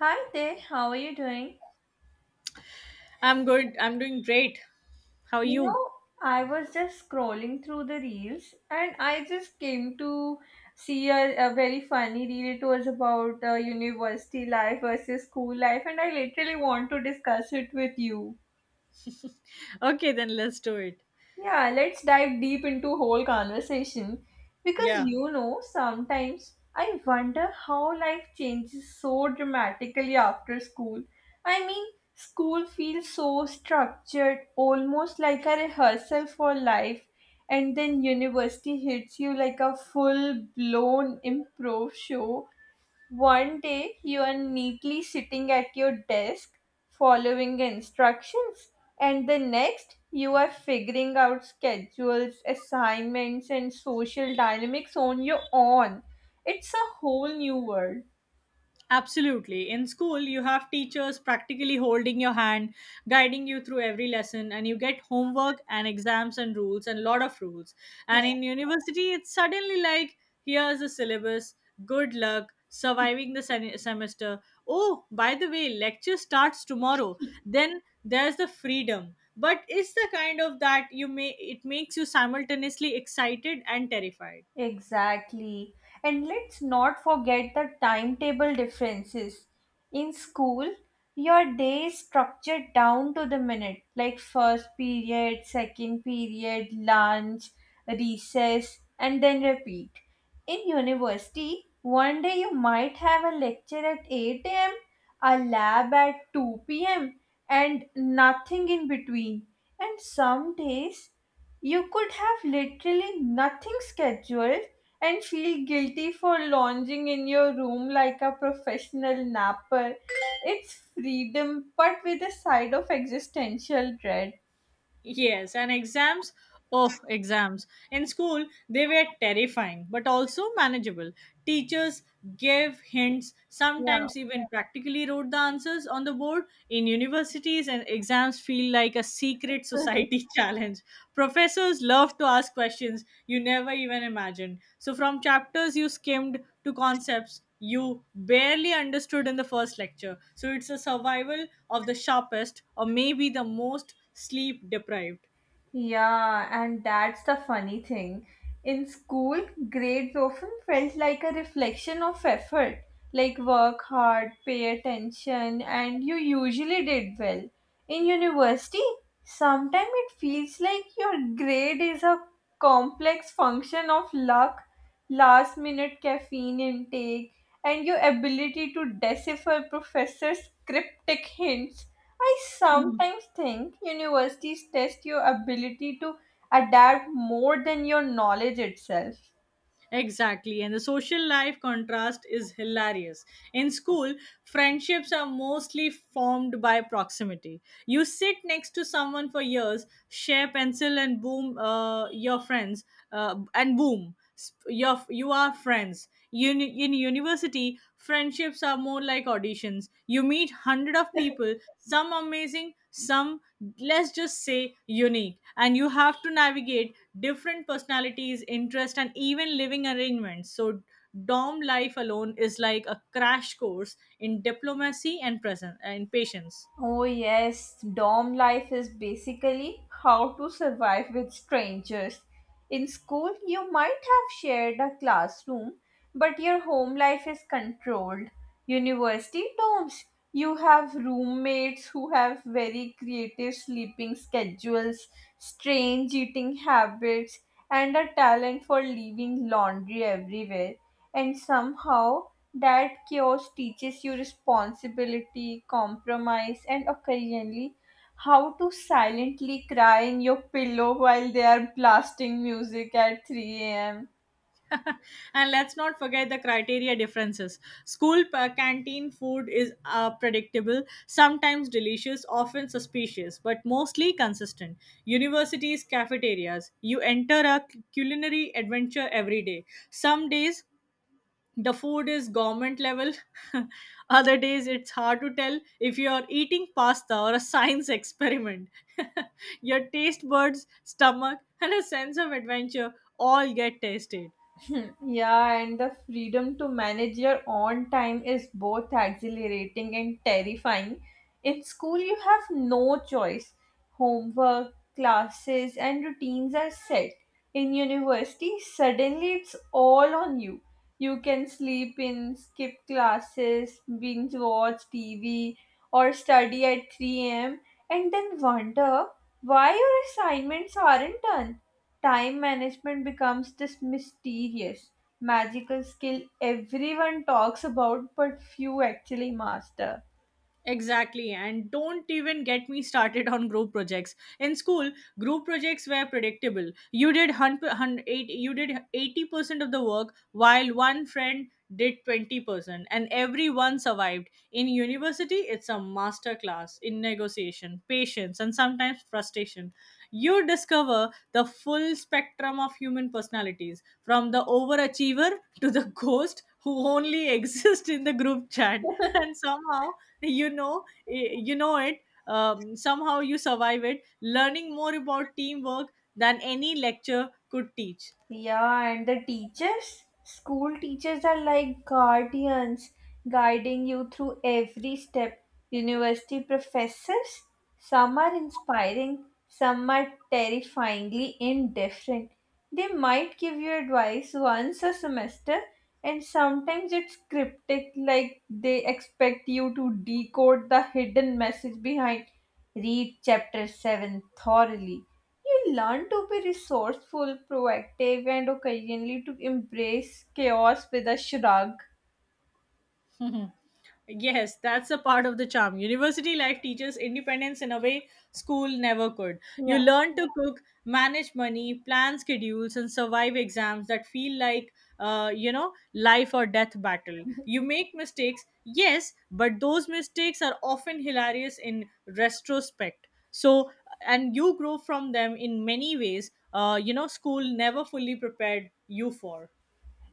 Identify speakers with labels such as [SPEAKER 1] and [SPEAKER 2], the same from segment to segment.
[SPEAKER 1] Hi there, how are you doing?
[SPEAKER 2] I'm good. I'm doing great. How are
[SPEAKER 1] You
[SPEAKER 2] you?
[SPEAKER 1] know, I was just scrolling through the reels and I just came to see a very funny reel. It was about university life versus school life, and I literally want to discuss it with you.
[SPEAKER 2] Okay, then let's do it.
[SPEAKER 1] Yeah, let's dive deep into whole conversation because
[SPEAKER 2] Yeah.
[SPEAKER 1] you know sometimes I wonder how life changes so dramatically after school. I mean, school feels so structured, almost like a rehearsal for life, and then university hits you like a full blown improv show. One day you are neatly sitting at your desk following instructions, and the next you are figuring out schedules, assignments, and social dynamics on your own. It's a whole new world.
[SPEAKER 2] Absolutely. In school, you have teachers practically holding your hand, guiding you through every lesson, and you get homework and exams and rules and lot of rules. And in university, it's suddenly like, here's the syllabus, good luck, surviving the semester. Oh, by the way, lecture starts tomorrow. Then there's the freedom. But it's the kind of that you may it makes you simultaneously excited and terrified.
[SPEAKER 1] Exactly. And let's not forget the timetable differences. In school, your day is structured down to the minute, like first period, second period, lunch, recess, and then repeat. In university, one day you might have a lecture at 8 a.m., a lab at 2 p.m., and nothing in between. And some days you could have literally nothing scheduled and feel guilty for lounging in your room like a professional napper. It's freedom, but with a side of existential dread.
[SPEAKER 2] Yes, and exams. Oh, exams. In school, they were terrifying, but also manageable. Teachers gave hints,
[SPEAKER 1] Yeah.
[SPEAKER 2] sometimes even practically wrote the answers on the board. In universities, and exams feel like a secret society challenge. Professors love to ask questions you never even imagined. So, from chapters you skimmed to concepts you barely understood in the first lecture. So, it's a survival of the sharpest or maybe the most sleep deprived.
[SPEAKER 1] Yeah, and that's the funny thing. In school, grades often felt like a reflection of effort, like work hard, pay attention, and you usually did well. In university, sometimes it feels like your grade is a complex function of luck, last minute caffeine intake, and your ability to decipher professors' cryptic hints. I sometimes think universities test your ability to adapt more than your knowledge itself.
[SPEAKER 2] Exactly, and the social life contrast is hilarious. In school, friendships are mostly formed by proximity. You sit next to someone for years, share pencil and boom, your friends, and boom, you are friends. In university, friendships are more like auditions. You meet hundred of people, some amazing, some let's just say unique, and you have to navigate different personalities, interest, and even living arrangements. So dorm life alone is like a crash course in diplomacy and presence and patience.
[SPEAKER 1] Oh, yes, dorm life is basically how to survive with strangers. In school, you might have shared a classroom, but your home life is controlled. University dorms, you have roommates who have very creative sleeping schedules, strange eating habits, and a talent for leaving laundry everywhere. And somehow, that chaos teaches you responsibility, compromise, and occasionally how to silently cry in your pillow while they are blasting music at 3 a.m.
[SPEAKER 2] And let's not forget the criteria differences. School canteen food is predictable, sometimes delicious, often suspicious, but mostly consistent. Universities cafeterias, you enter a culinary adventure every day. Some days the food is government level. Other days it's hard to tell if you are eating pasta or a science experiment. Your taste buds, stomach, and a sense of adventure all get tested.
[SPEAKER 1] Yeah, and the freedom to manage your own time is both exhilarating and terrifying. In school, you have no choice. Homework, classes, and routines are set. In university, suddenly it's all on you. You can sleep in, skip classes, binge watch TV, or study at 3 a.m., and then wonder why your assignments aren't done. Time management becomes this mysterious, magical skill everyone talks about but few actually master.
[SPEAKER 2] Exactly, and don't even get me started on group projects. In school, group projects were predictable. You did 80% of the work, while one friend did 20%, and everyone survived. In university, it's a master class in negotiation, patience, and sometimes frustration station. You discover the full spectrum of human personalities, from the overachiever to the ghost who only exists in the group chat. And somehow, you know it. Somehow you survive it, learning more about teamwork than any lecture could teach.
[SPEAKER 1] Yeah, and the teachers, school teachers are like guardians guiding you through every step. University professors, some are inspiring, some are terrifyingly indifferent. They might give you advice once a semester, and sometimes it's cryptic, like they expect you to decode the hidden message behind. Read chapter 7 thoroughly. You learn to be resourceful, proactive, and occasionally to embrace chaos with a shrug.
[SPEAKER 2] Yes, that's a part of the charm. University life teaches independence in a way school never could. You
[SPEAKER 1] Yeah.
[SPEAKER 2] learn to cook, manage money, plan schedules, and survive exams that feel like, life or death battle. You make mistakes, yes, but those mistakes are often hilarious in retrospect. So, and you grow from them in many ways, school never fully prepared you for.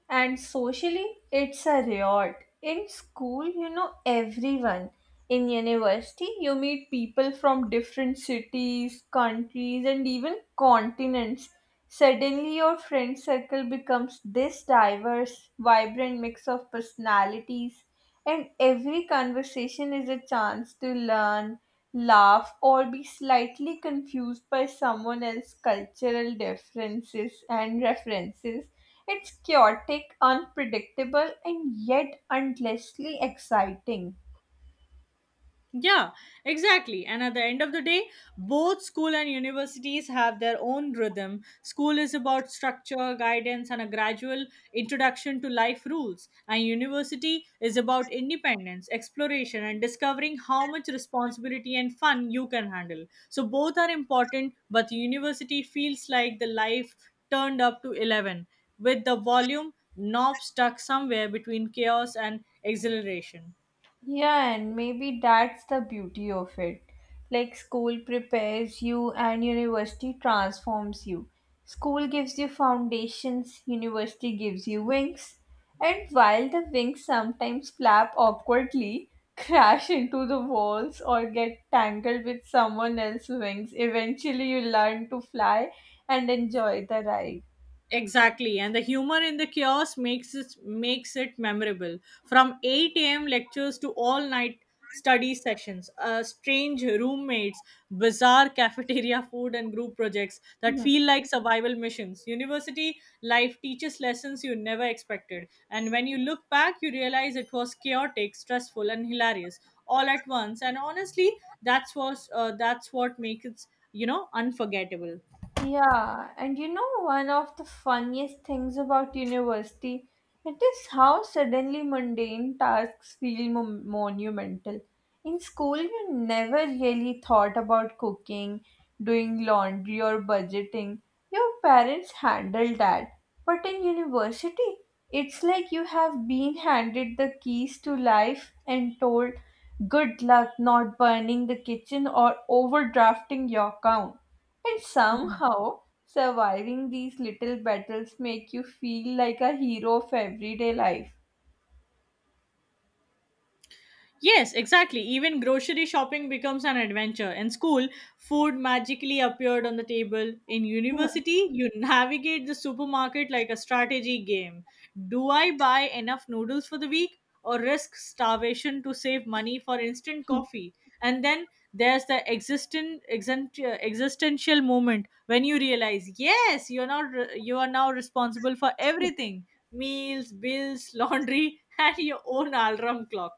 [SPEAKER 1] And socially, it's a riot. In school, you know everyone. In university, you meet people from different cities, countries, and even continents. Suddenly, your friend circle becomes this diverse, vibrant mix of personalities, and every conversation is a chance to learn, laugh, or be slightly confused by someone else's cultural differences and references. It's chaotic, unpredictable, and yet endlessly exciting.
[SPEAKER 2] Yeah, exactly. And at the end of the day, both school and universities have their own rhythm. School is about structure, guidance, and a gradual introduction to life rules. And university is about independence, exploration, and discovering how much responsibility and fun you can handle. So both are important, but university feels like the life turned up to 11 with the volume knob stuck somewhere between chaos and exhilaration.
[SPEAKER 1] Yeah, and maybe that's the beauty of it. Like school prepares you and university transforms you. School gives you foundations, university gives you wings. And while the wings sometimes flap awkwardly, crash into the walls, or get tangled with someone else's wings, eventually you learn to fly and enjoy the ride.
[SPEAKER 2] Exactly, and the humor in the chaos makes it memorable. From 8 a.m. lectures to all night study sessions, strange roommates, bizarre cafeteria food, and group projects that
[SPEAKER 1] Hmm.
[SPEAKER 2] feel like survival missions. University life teaches lessons you never expected, and when you look back, you realize it was chaotic, stressful, and hilarious all at once. And honestly, that's what makes it unforgettable.
[SPEAKER 1] Yeah, and you know one of the funniest things about university, it is how suddenly mundane tasks feel monumental. In school, you never really thought about cooking, doing laundry, or budgeting. Your parents handled that. But in university, it's like you have been handed the keys to life and told, good luck not burning the kitchen or overdrafting your account. And somehow, surviving these little battles make you feel like a hero of everyday life.
[SPEAKER 2] Yes, exactly. Even grocery shopping becomes an adventure. In school, food magically appeared on the table. In university, you navigate the supermarket like a strategy game. Do I buy enough noodles for the week or risk starvation to save money for instant coffee? And then there's the existential moment when you realize, yes, you're not re- you are now responsible for everything. Meals, bills, laundry, and your own alarm clock.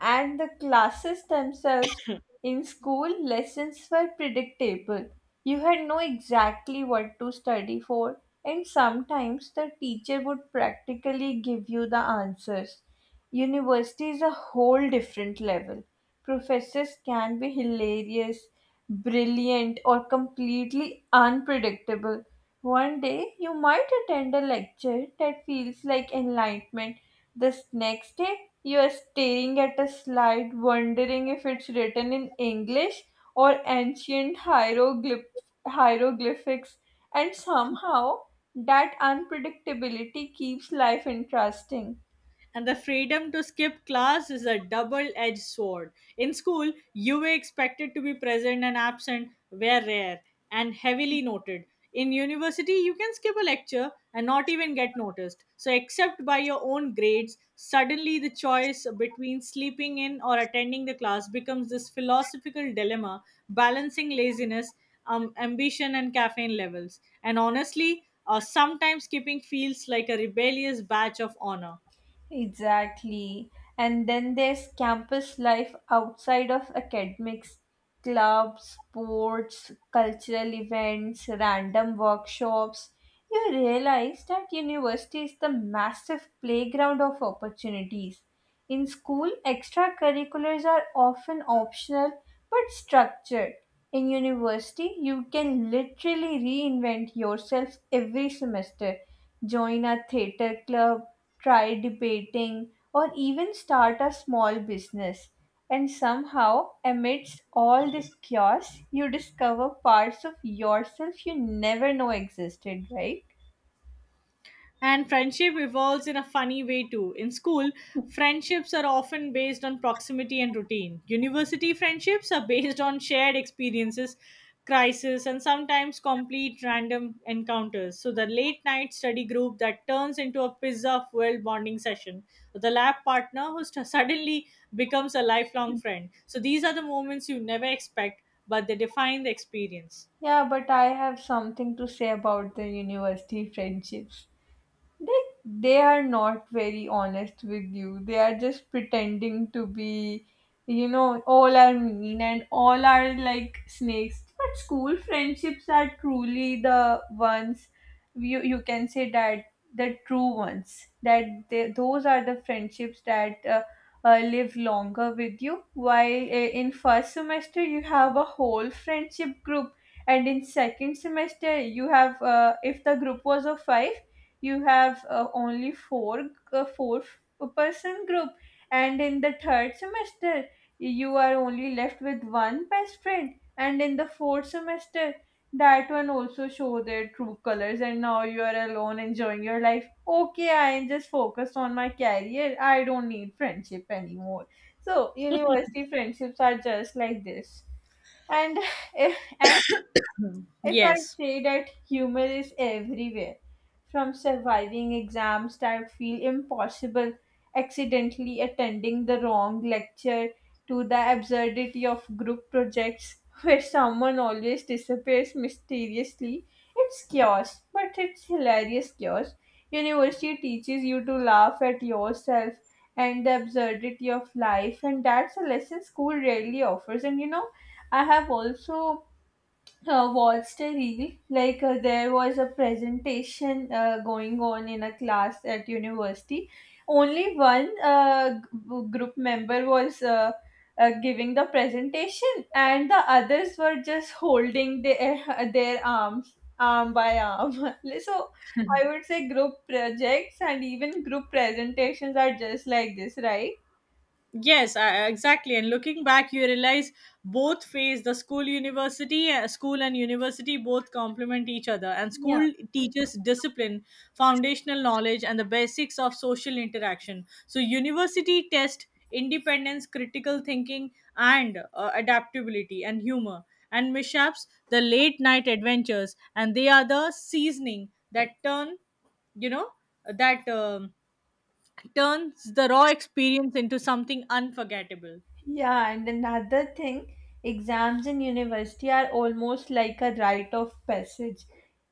[SPEAKER 1] And the classes themselves. In school lessons were predictable, you had know exactly what to study for, and sometimes the teacher would practically give you the answers. University is a whole different level. Professors can be hilarious, brilliant, or completely unpredictable. One day you might attend a lecture that feels like enlightenment, the next day you are staring at a slide, wondering if it's written in English or ancient hieroglyphics, and somehow that unpredictability keeps life interesting.
[SPEAKER 2] And the freedom to skip class is a double edged sword. In school, you were expected to be present and absent were rare and heavily noted. In university, you can skip a lecture and not even get noticed. So, except by your own grades, suddenly the choice between sleeping in or attending the class becomes this philosophical dilemma balancing laziness, ambition, and caffeine levels. And honestly, sometimes skipping feels like a rebellious badge of honor.
[SPEAKER 1] Exactly. And then there's campus life outside of academics, clubs, sports, cultural events, random workshops. You realize that university is the massive playground of opportunities. In school, extracurriculars are often optional but structured. In university, you can literally reinvent yourself every semester. Join a theater club, try debating, or even start a small business. And somehow, amidst all this chaos, you discover parts of yourself you never know existed, right?
[SPEAKER 2] And friendship evolves in a funny way too. In school, friendships are often based on proximity and routine. University friendships are based on shared experiences, crisis, and sometimes complete random encounters. So, the late night study group that turns into a pizza fueled bonding session, or the lab partner who suddenly becomes a lifelong friend. So, these are the moments you never expect, but they define the experience.
[SPEAKER 1] Yeah, but I have something to say about the university friendships. They they are not very honest with you. They are just pretending to be, you know, all are mean and all are like snakes. But school friendships are truly the ones you can say that the true ones. That they, those are the friendships that. Live longer with you. While in first semester you have a whole friendship group, and in second semester you have if the group was of five, you have only four, four person group, and in the third semester you are only left with one best friend, and in the fourth semester that one also show their true colors, and now you are alone enjoying your life. Okay, I am just focused on my career, I don't need friendship anymore. So university friendships are just like this. And and if I
[SPEAKER 2] Yes.
[SPEAKER 1] say that humor is everywhere, from surviving exams that feel impossible, accidentally attending the wrong lecture, to the absurdity of group projects where someone always disappears mysteriously, it's chaos, but it's hilarious chaos. University teaches you to laugh at yourself and the absurdity of life, and that's a lesson school rarely offers. And you know, I have also watched a reel like there was a presentation going on in a class at university. Only one group member was giving the presentation, and the others were just holding their their arm by arm. So I would say group projects and even group presentations are just like this, right?
[SPEAKER 2] Yes, exactly. And looking back, you realize both phase the school university school and university both complement each other. And school teaches discipline, foundational knowledge, and the basics of social interaction. So university test independence, critical thinking, and adaptability. And humor and mishaps, the late night adventures, and they are the seasoning that you know that um, turns the raw experience into something unforgettable.
[SPEAKER 1] Yeah, and another thing, exams in university are almost like a rite of passage.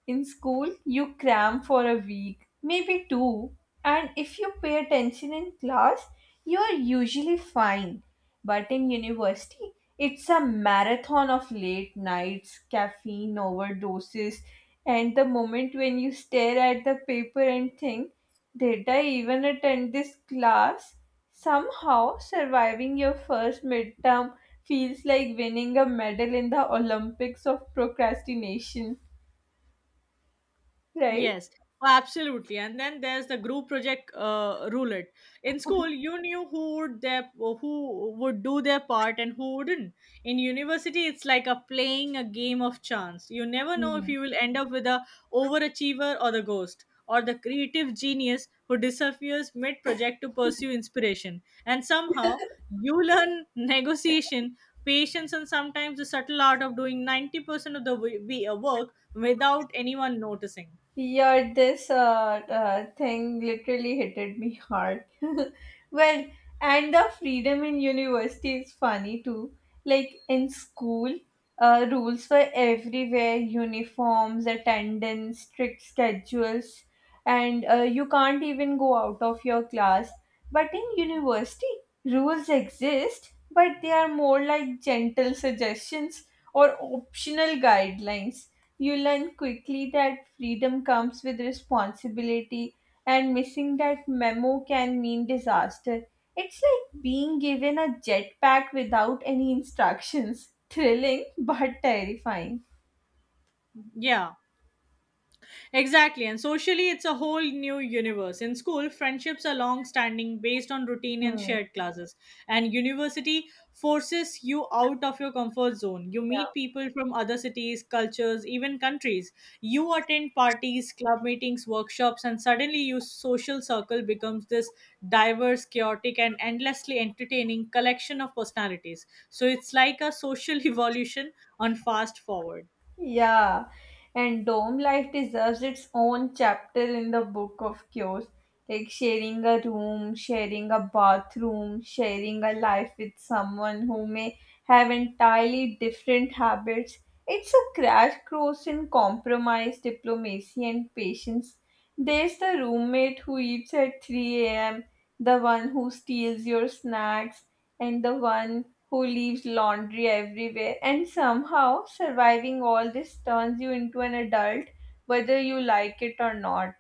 [SPEAKER 1] In school, you cram for a week, maybe two, and if you pay attention in class, you are usually fine. But in university, it's a marathon of late nights, caffeine overdoses, and the moment when you stare at the paper and think, did I even attend this class? Somehow, surviving your first midterm feels like winning a medal in the Olympics of procrastination, right?
[SPEAKER 2] Yes, oh, absolutely. And then there's the group project roulette. In school, you knew who would do their part and who wouldn't. In university, it's like a playing a game of chance. You never know if
[SPEAKER 1] Hmm.
[SPEAKER 2] you will end up with the overachiever or the ghost or the creative genius who disappears mid project to pursue inspiration. And somehow, you learn negotiation, patience, and sometimes the subtle art of doing 90% of the work without anyone noticing.
[SPEAKER 1] Yeah, this thing literally hit me hard. Well, and the freedom in university is funny too. Like in school, rules were everywhere, uniforms, attendance, strict schedules, and you can't even go out of your class. But in university, rules exist, but they are more like gentle suggestions or optional guidelines. You learn quickly that freedom comes with responsibility, and missing that memo can mean disaster. It's like being given a jetpack without any instructions. Thrilling but terrifying.
[SPEAKER 2] Yeah, exactly. And socially, it's a whole new universe. In school, friendships are long standing based on routine and
[SPEAKER 1] Hmm.
[SPEAKER 2] shared classes. And university forces you out of your comfort zone. You
[SPEAKER 1] Yeah.
[SPEAKER 2] meet people from other cities, cultures, even countries. You attend parties, club meetings, workshops, and suddenly your social circle becomes this diverse, chaotic, and endlessly entertaining collection of personalities. So it's like a social evolution on fast forward.
[SPEAKER 1] Yeah, and dorm life deserves its own chapter in the book of cures. Like sharing a room, sharing a bathroom, sharing a life with someone who may have entirely different habits. It's a crash course in compromise, diplomacy, and patience. There's the roommate who eats at 3 a.m., the one who steals your snacks, and the one who leaves laundry everywhere. And somehow, surviving all this turns you into an adult, whether you like it or not.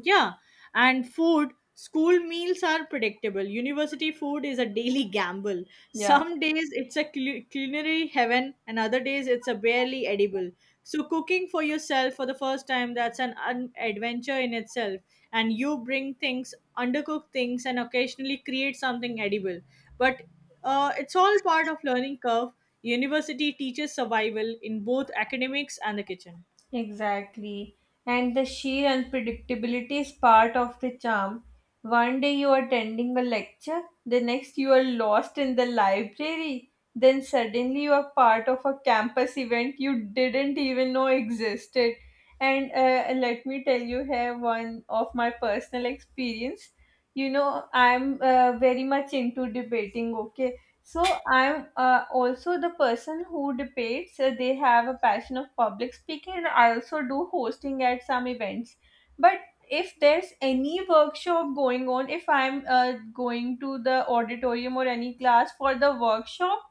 [SPEAKER 2] Yeah, and food, school meals are predictable. University food is a daily gamble.
[SPEAKER 1] Yeah.
[SPEAKER 2] Some days it's a culinary heaven, and other days it's a barely edible. So, cooking for yourself for the first time, that's an adventure in itself. And you bring things, undercook things, and occasionally create something edible. But it's all part of learning curve. University teaches survival in both academics and the kitchen.
[SPEAKER 1] Exactly. And the sheer unpredictability is part of the charm. One day you are attending a lecture, the next you are lost in the library, then suddenly you are part of a campus event you didn't even know existed. And let me tell you here one of my personal experience. You know, I'm very much into debating, okay? So I'm also the person who debates. They have a passion of public speaking, and I also do hosting at some events. But if there's any workshop going on, if I'm going to the auditorium or any class for the workshop,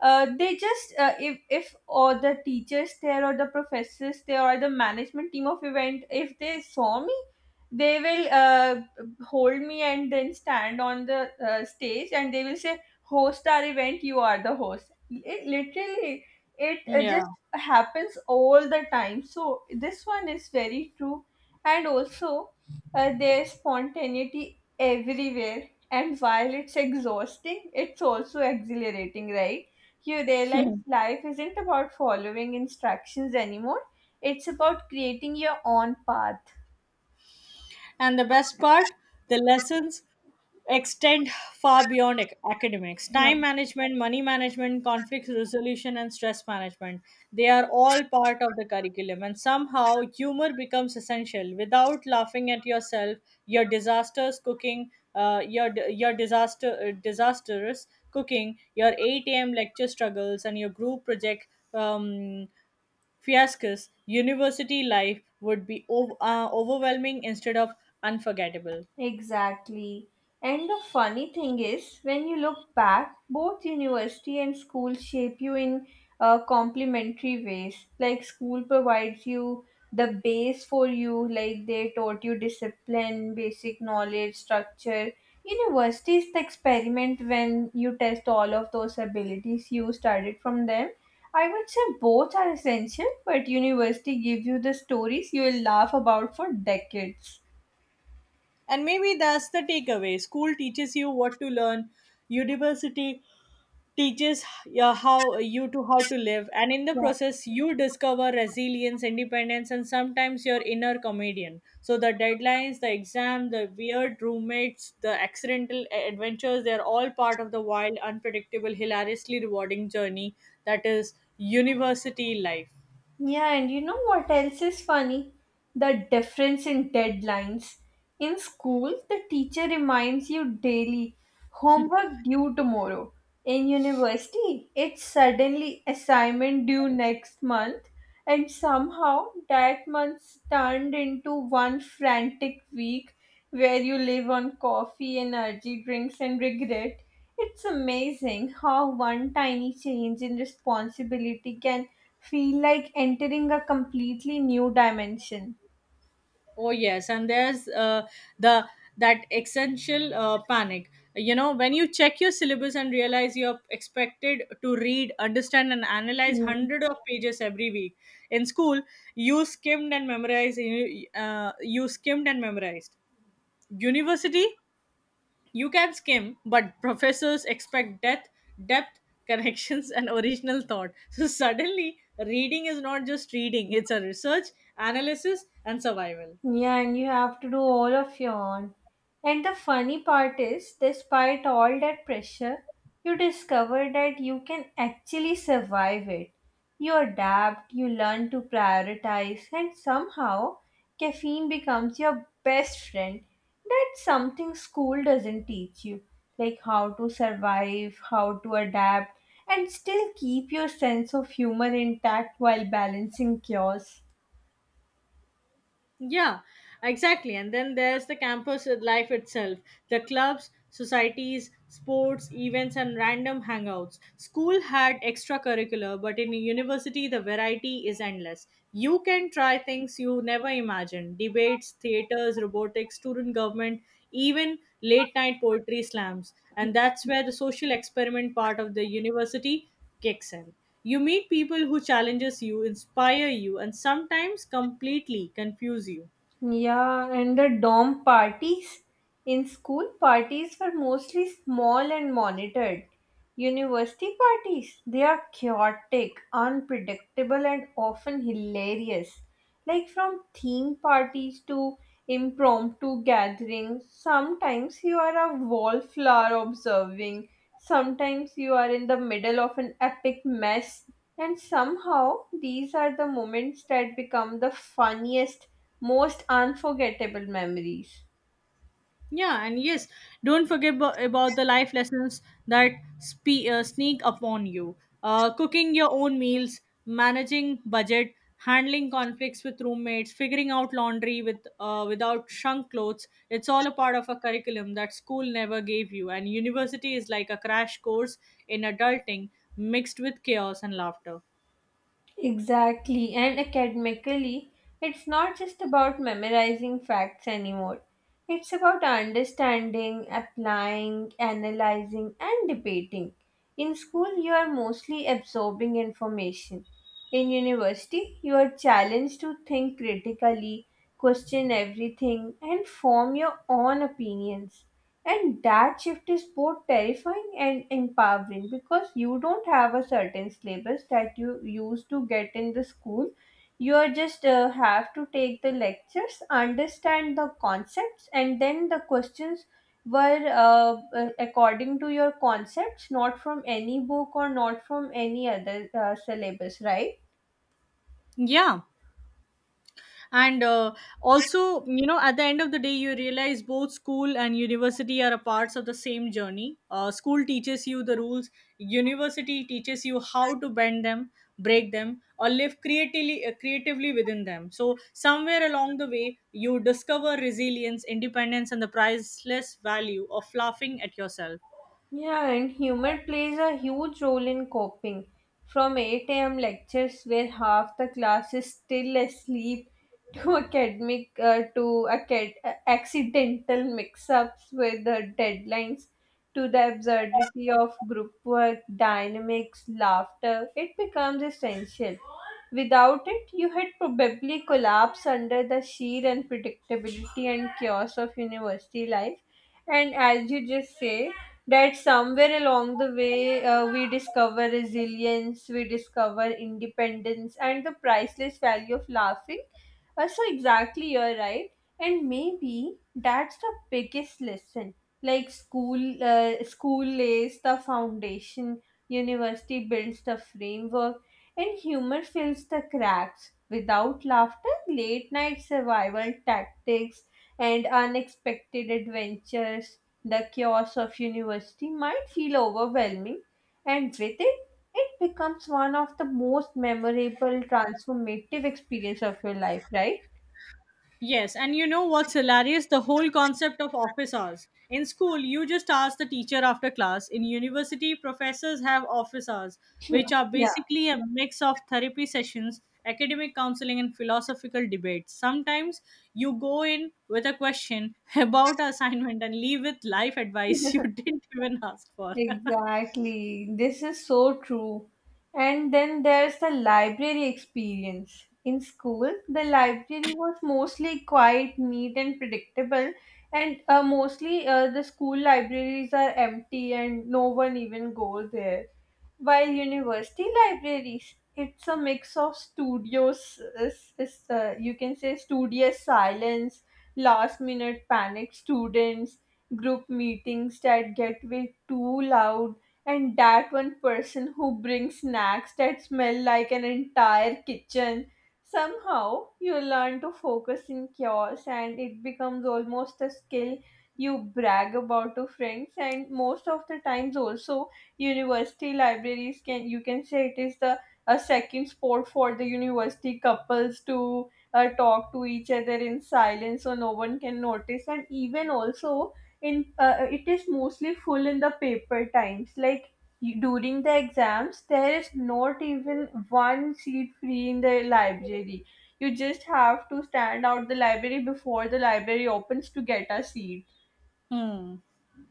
[SPEAKER 1] they just if or the teachers there or the professors there or the management team of event, if they saw me, they will hold me and then stand on the stage, and they will say, host our event, you are the host. It literally, it
[SPEAKER 2] Yeah.
[SPEAKER 1] just happens all the time, so this one is very true. And also, there's spontaneity everywhere. And while it's exhausting, it's also exhilarating, right? You realize life isn't about following instructions anymore. It's about creating your own path.
[SPEAKER 2] And the best part, the lessons extend far beyond academics,
[SPEAKER 1] Yeah.
[SPEAKER 2] time management, money management, conflict resolution, and stress management. They are all part of the curriculum, and somehow humor becomes essential. Without laughing at yourself, your disasters cooking your d- your disaster disastrous cooking, your 8 a.m. lecture struggles, and your group project um, fiascos, university life would be overwhelming instead of unforgettable.
[SPEAKER 1] Exactly. And the funny thing is, when you look back, both university and school shape you in complementary ways. Like, school provides you the base for you, like, they taught you discipline, basic knowledge, structure. University is the experiment when you test all of those abilities you studied from them. I would say both are essential, but university gives you the stories you will laugh about for decades.
[SPEAKER 2] And maybe that's the takeaway. School teaches you what to learn, university teaches how you to how to live, and in the process you discover resilience, independence, and sometimes your inner comedian. So the deadlines, the exam, the weird roommates, the accidental adventures—they are all part of the wild, unpredictable, hilariously rewarding journey that is university life.
[SPEAKER 1] Yeah, and you know what else is funny? The difference in deadlines. In school, the teacher reminds you daily, homework due tomorrow. In university, it's suddenly assignment due next month, and somehow that month's turned into one frantic week where you live on coffee, energy drinks, and regret. It's amazing how one tiny change in responsibility can feel like entering a completely new dimension.
[SPEAKER 2] Oh yes, and there's the that essential panic. You know, when you check your syllabus and realize you're expected to read, understand, and analyze
[SPEAKER 1] Mm.
[SPEAKER 2] hundred of pages every week. In school, you skimmed and memorized. You skimmed and memorized. University, you can skim, but professors expect depth, depth, connections, and original thought. So suddenly, reading is not just reading; it's a research, analysis, and survival.
[SPEAKER 1] Yeah, and you have to do all of your own. And the funny part is, despite all that pressure, you discover that you can actually survive it. You adapt, you learn to prioritize, and somehow caffeine becomes your best friend. That's something school doesn't teach you, like how to survive, how to adapt, and still keep your sense of humor intact while balancing chaos.
[SPEAKER 2] Yeah, exactly. And then there's the campus life itself, the clubs, societies, sports, events, and random hangouts. School had extracurricular, but in a university, the variety is endless. You can try things you never imagined, debates, theaters, robotics, student government, even late night poetry slams. And that's where the social experiment part of the university kicks in. You meet people who challenges you, inspire you, and sometimes completely confuse you.
[SPEAKER 1] Yeah, and the dorm parties in school parties were mostly small and monitored. University parties, they are chaotic, unpredictable, and often hilarious. Like, from theme parties to impromptu gatherings, sometimes you are a wallflower observing, sometimes you are in the middle of an epic mess, and somehow these are the moments that become the funniest, most unforgettable memories.
[SPEAKER 2] Yeah, and yes, don't forget about the life lessons that sneak upon you. Cooking your own meals, managing budget, handling conflicts with roommates, figuring out laundry with without shrunk clothes. It's all a part of a curriculum that school never gave you, and university is like a crash course in adulting mixed with chaos and laughter.
[SPEAKER 1] Exactly, and academically, it's not just about memorizing facts anymore. It's about understanding, applying, analyzing, and debating. In school, you are mostly absorbing information. In university, you are challenged to think critically, question everything, and form your own opinions. And that shift is both terrifying and empowering, because you don't have a certain syllabus that you used to get in the school. You are just have to take the lectures, understand the concepts, and then the questions were according to your concepts, not from any book or not from any other syllabus, right?
[SPEAKER 2] Yeah. And also at the end of the day, you realize both school and university are a parts of the same journey. Uh, school teaches you the rules, university teaches you how to bend them, break them, or live creatively within them. So somewhere along the way you discover resilience, independence, and the priceless value of laughing at yourself.
[SPEAKER 1] Yeah, and humor plays a huge role in coping. From 8 a.m. lectures where half the class is still asleep to accidental mix-ups with the deadlines, to the absurdity of group work, dynamics, laughter, it becomes essential. Without it, you had probably collapsed under the sheer unpredictability and chaos of university life. And as you just say, that somewhere along the way, we discover resilience, we discover independence, and the priceless value of laughing. So exactly, you're right. And maybe that's the biggest lesson. Like, school, school lays the foundation, university builds the framework, and humor fills the cracks. Without laughter, late night survival tactics, and unexpected adventures, the chaos of university might feel overwhelming, and with it, it becomes one of the most memorable, transformative experience of your life, right?
[SPEAKER 2] Yes, and you know what's hilarious? The whole concept of office hours. In school, you just ask the teacher after class. In university, professors have office hours,
[SPEAKER 1] Hmm.
[SPEAKER 2] which are
[SPEAKER 1] Yeah.
[SPEAKER 2] basically a mix of therapy sessions, academic counseling, and philosophical debates. Sometimes you go in with a question about assignment and leave with life advice you didn't even ask for.
[SPEAKER 1] Exactly. This is so true. And then there's the library experience. In school, the library was mostly quite neat and predictable, and mostly, the school libraries are empty and no one even goes there. While university libraries, it's a mix of studios, you can say, studious silence, last minute panic students, group meetings that get way too loud, and that one person who brings snacks that smell like an entire kitchen. Somehow, you learn to focus in chaos, and it becomes almost a skill you brag about to friends. And most of the times also, university libraries can, you can say it is the a second sport for the university couples to talk to each other in silence so no one can notice. And even also, in it is mostly full in the paper times, like, during the exams there is not even one seat free in the library. You just have to stand out the library before the library opens to get a seat.
[SPEAKER 2] Hmm.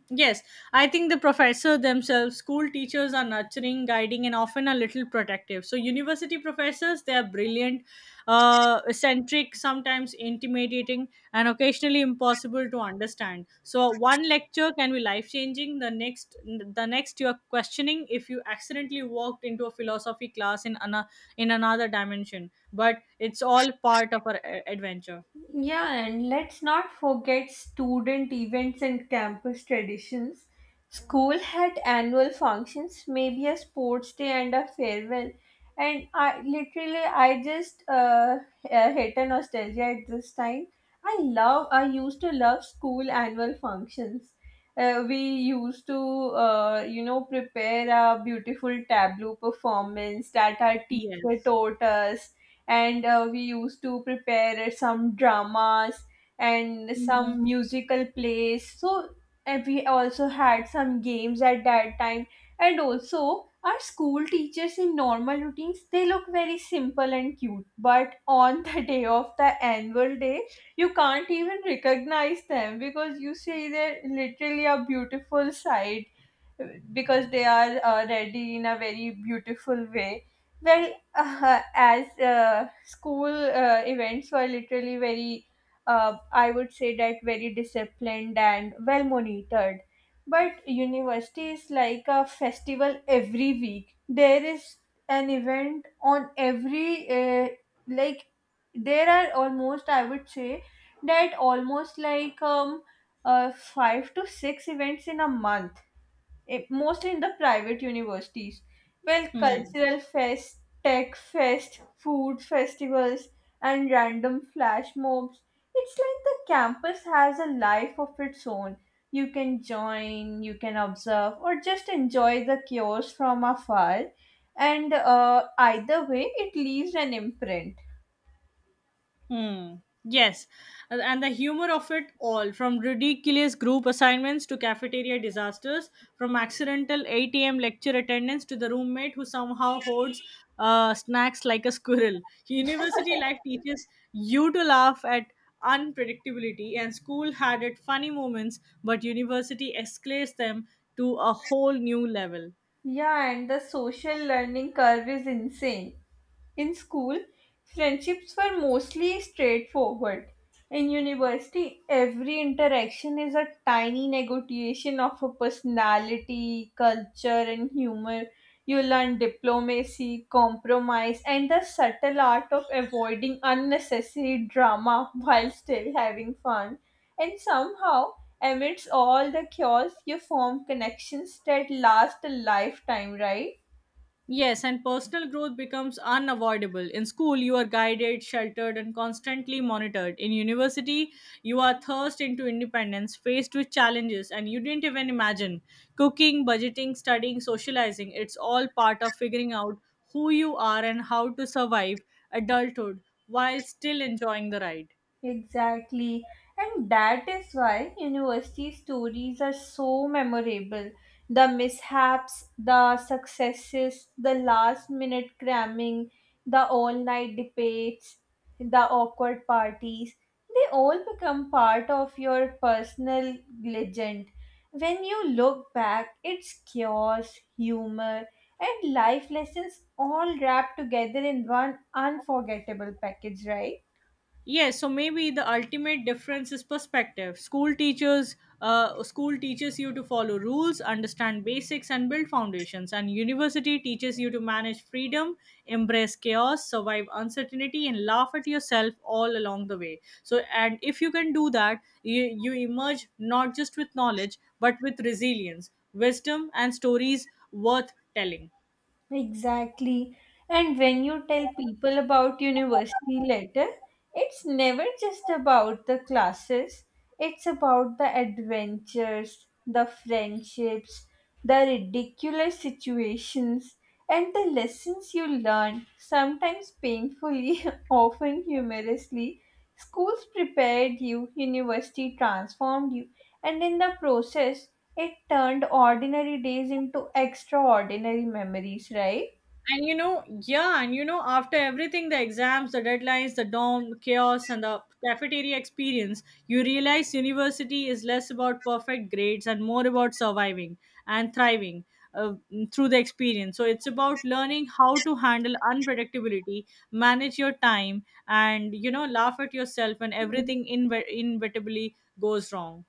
[SPEAKER 2] Yes, I think the professor themselves, school teachers are nurturing, guiding, and often a little protective. So, university professors, they are brilliant, eccentric, sometimes intimidating, and occasionally impossible to understand. So, one lecture can be life changing. The next, you are questioning if you accidentally walked into a philosophy class in another dimension. But it's all part of our adventure.
[SPEAKER 1] Yeah, and let's not forget student events and campus traditions. School had annual functions, maybe a sports day and a farewell. And I literally, I just hit a nostalgia at this time. I used to love school annual functions. We used to, prepare a beautiful tableau performance that our teacher
[SPEAKER 2] Yes.
[SPEAKER 1] taught us. And we used to prepare some dramas and
[SPEAKER 2] Mhm.
[SPEAKER 1] some musical plays. So, and we also had some games at that time. And also, our school teachers in normal routines, they look very simple and cute, but on the day of the annual day, you can't even recognize them, because you see their literally a beautiful side, because they are ready in a very beautiful way. Well, as school events were literally very, I would say that very disciplined and well monitored. But university is like a festival every week. There is an event on every, like, There are almost, I would say, that almost like five to six events in a month, mostly in the private universities. Well,
[SPEAKER 2] Hmm.
[SPEAKER 1] cultural fest, tech fest, food festivals, and random flash mobs. It's like the campus has a life of its own. You can join, you can observe, or just enjoy the chaos from afar. And either way, it leaves an imprint.
[SPEAKER 2] Hmm. Yes, and the humor of it all, from ridiculous group assignments to cafeteria disasters, from accidental 8 a.m. lecture attendance to the roommate who somehow hoards snacks like a squirrel. University life teaches you to laugh at unpredictability, and school had its funny moments, but university escalates them to a whole new level.
[SPEAKER 1] Yeah, and the social learning curve is insane. In school, friendships were mostly straightforward. In university, every interaction is a tiny negotiation of a personality, culture, and humor. You learn diplomacy, compromise, and the subtle art of avoiding unnecessary drama while still having fun. And somehow, amidst all the chaos, you form connections that last a lifetime, right?
[SPEAKER 2] Yes, and personal growth becomes unavoidable. In school, you are guided, sheltered, and constantly monitored. In university, you are thrust into independence, faced with challenges, and you didn't even imagine. Cooking, budgeting, studying, socializing, it's all part of figuring out who you are and how to survive adulthood while still enjoying the ride.
[SPEAKER 1] Exactly. And that is why university stories are so memorable. The mishaps, the successes, the last minute cramming, the all night debates, the awkward parties, they all become part of your personal legend. When you look back, it's chaos, humor, and life lessons all wrapped together in one unforgettable package, right?
[SPEAKER 2] Yes, so maybe the ultimate difference is perspective. School teaches you to follow rules, understand basics, and build foundations. And university teaches you to manage freedom, embrace chaos, survive uncertainty, and laugh at yourself all along the way. So, and if you can do that, you emerge not just with knowledge but with resilience, wisdom, and stories worth telling.
[SPEAKER 1] Exactly. And when you tell people about university later, it's never just about the classes, it's about the adventures, the friendships, the ridiculous situations, and the lessons you learn, sometimes painfully, often humorously. Schools prepared you, university transformed you, and in the process, it turned ordinary days into extraordinary memories, right?
[SPEAKER 2] Yeah, after everything the exams, the deadlines, the dorm chaos, and the cafeteria experience, you realize university is less about perfect grades and more about surviving and thriving uh, through the experience. So it's about learning how to handle unpredictability, manage your time, and laugh at yourself when everything inevitably goes wrong.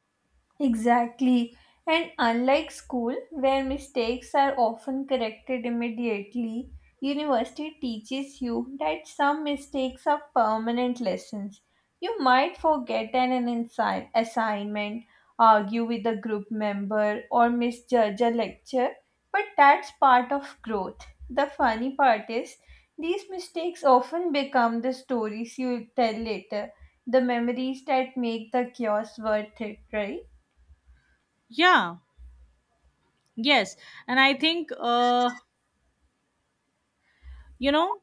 [SPEAKER 1] Exactly. And unlike school, where mistakes are often corrected immediately, university teaches you that some mistakes are permanent lessons. You might forget an assignment, argue with a group member, or misjudge a lecture, but that's part of growth. The funny part is, these mistakes often become the stories you tell later, the memories that make the chaos worth it, right?
[SPEAKER 2] Yeah, yes. And I think, you know,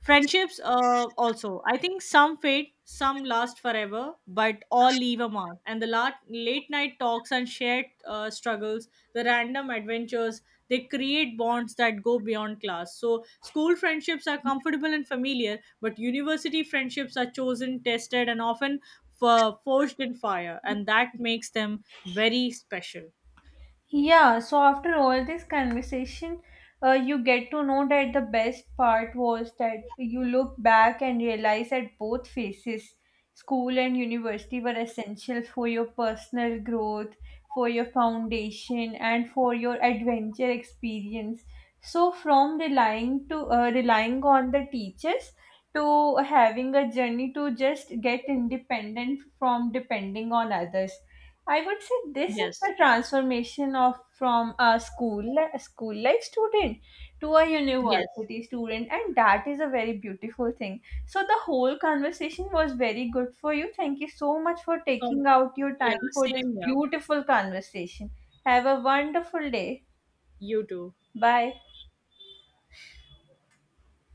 [SPEAKER 2] Friendships, also, I think some fade, some last forever, but all leave a mark. And the late night talks and shared struggles, the random adventures, they create bonds that go beyond class. So, school friendships are comfortable and familiar, but university friendships are chosen, tested, and often forged in fire. And that makes them very special.
[SPEAKER 1] Yeah, so after all this conversation, you get to know that the best part was that you look back and realize that both phases, school and university, were essential for your personal growth, for your foundation, and for your adventure experience. So, from relying on the teachers to having a journey to just get independent from depending on others. I would say this is
[SPEAKER 2] Yes.
[SPEAKER 1] the transformation of from a school life student to a
[SPEAKER 2] Yes.
[SPEAKER 1] university student, and that is a very beautiful thing. So the whole conversation was very good for you. Thank you so much for taking
[SPEAKER 2] Um,
[SPEAKER 1] out your
[SPEAKER 2] yeah,
[SPEAKER 1] time for this
[SPEAKER 2] same here.
[SPEAKER 1] beautiful conversation. Have a wonderful day.
[SPEAKER 2] You too.
[SPEAKER 1] Bye.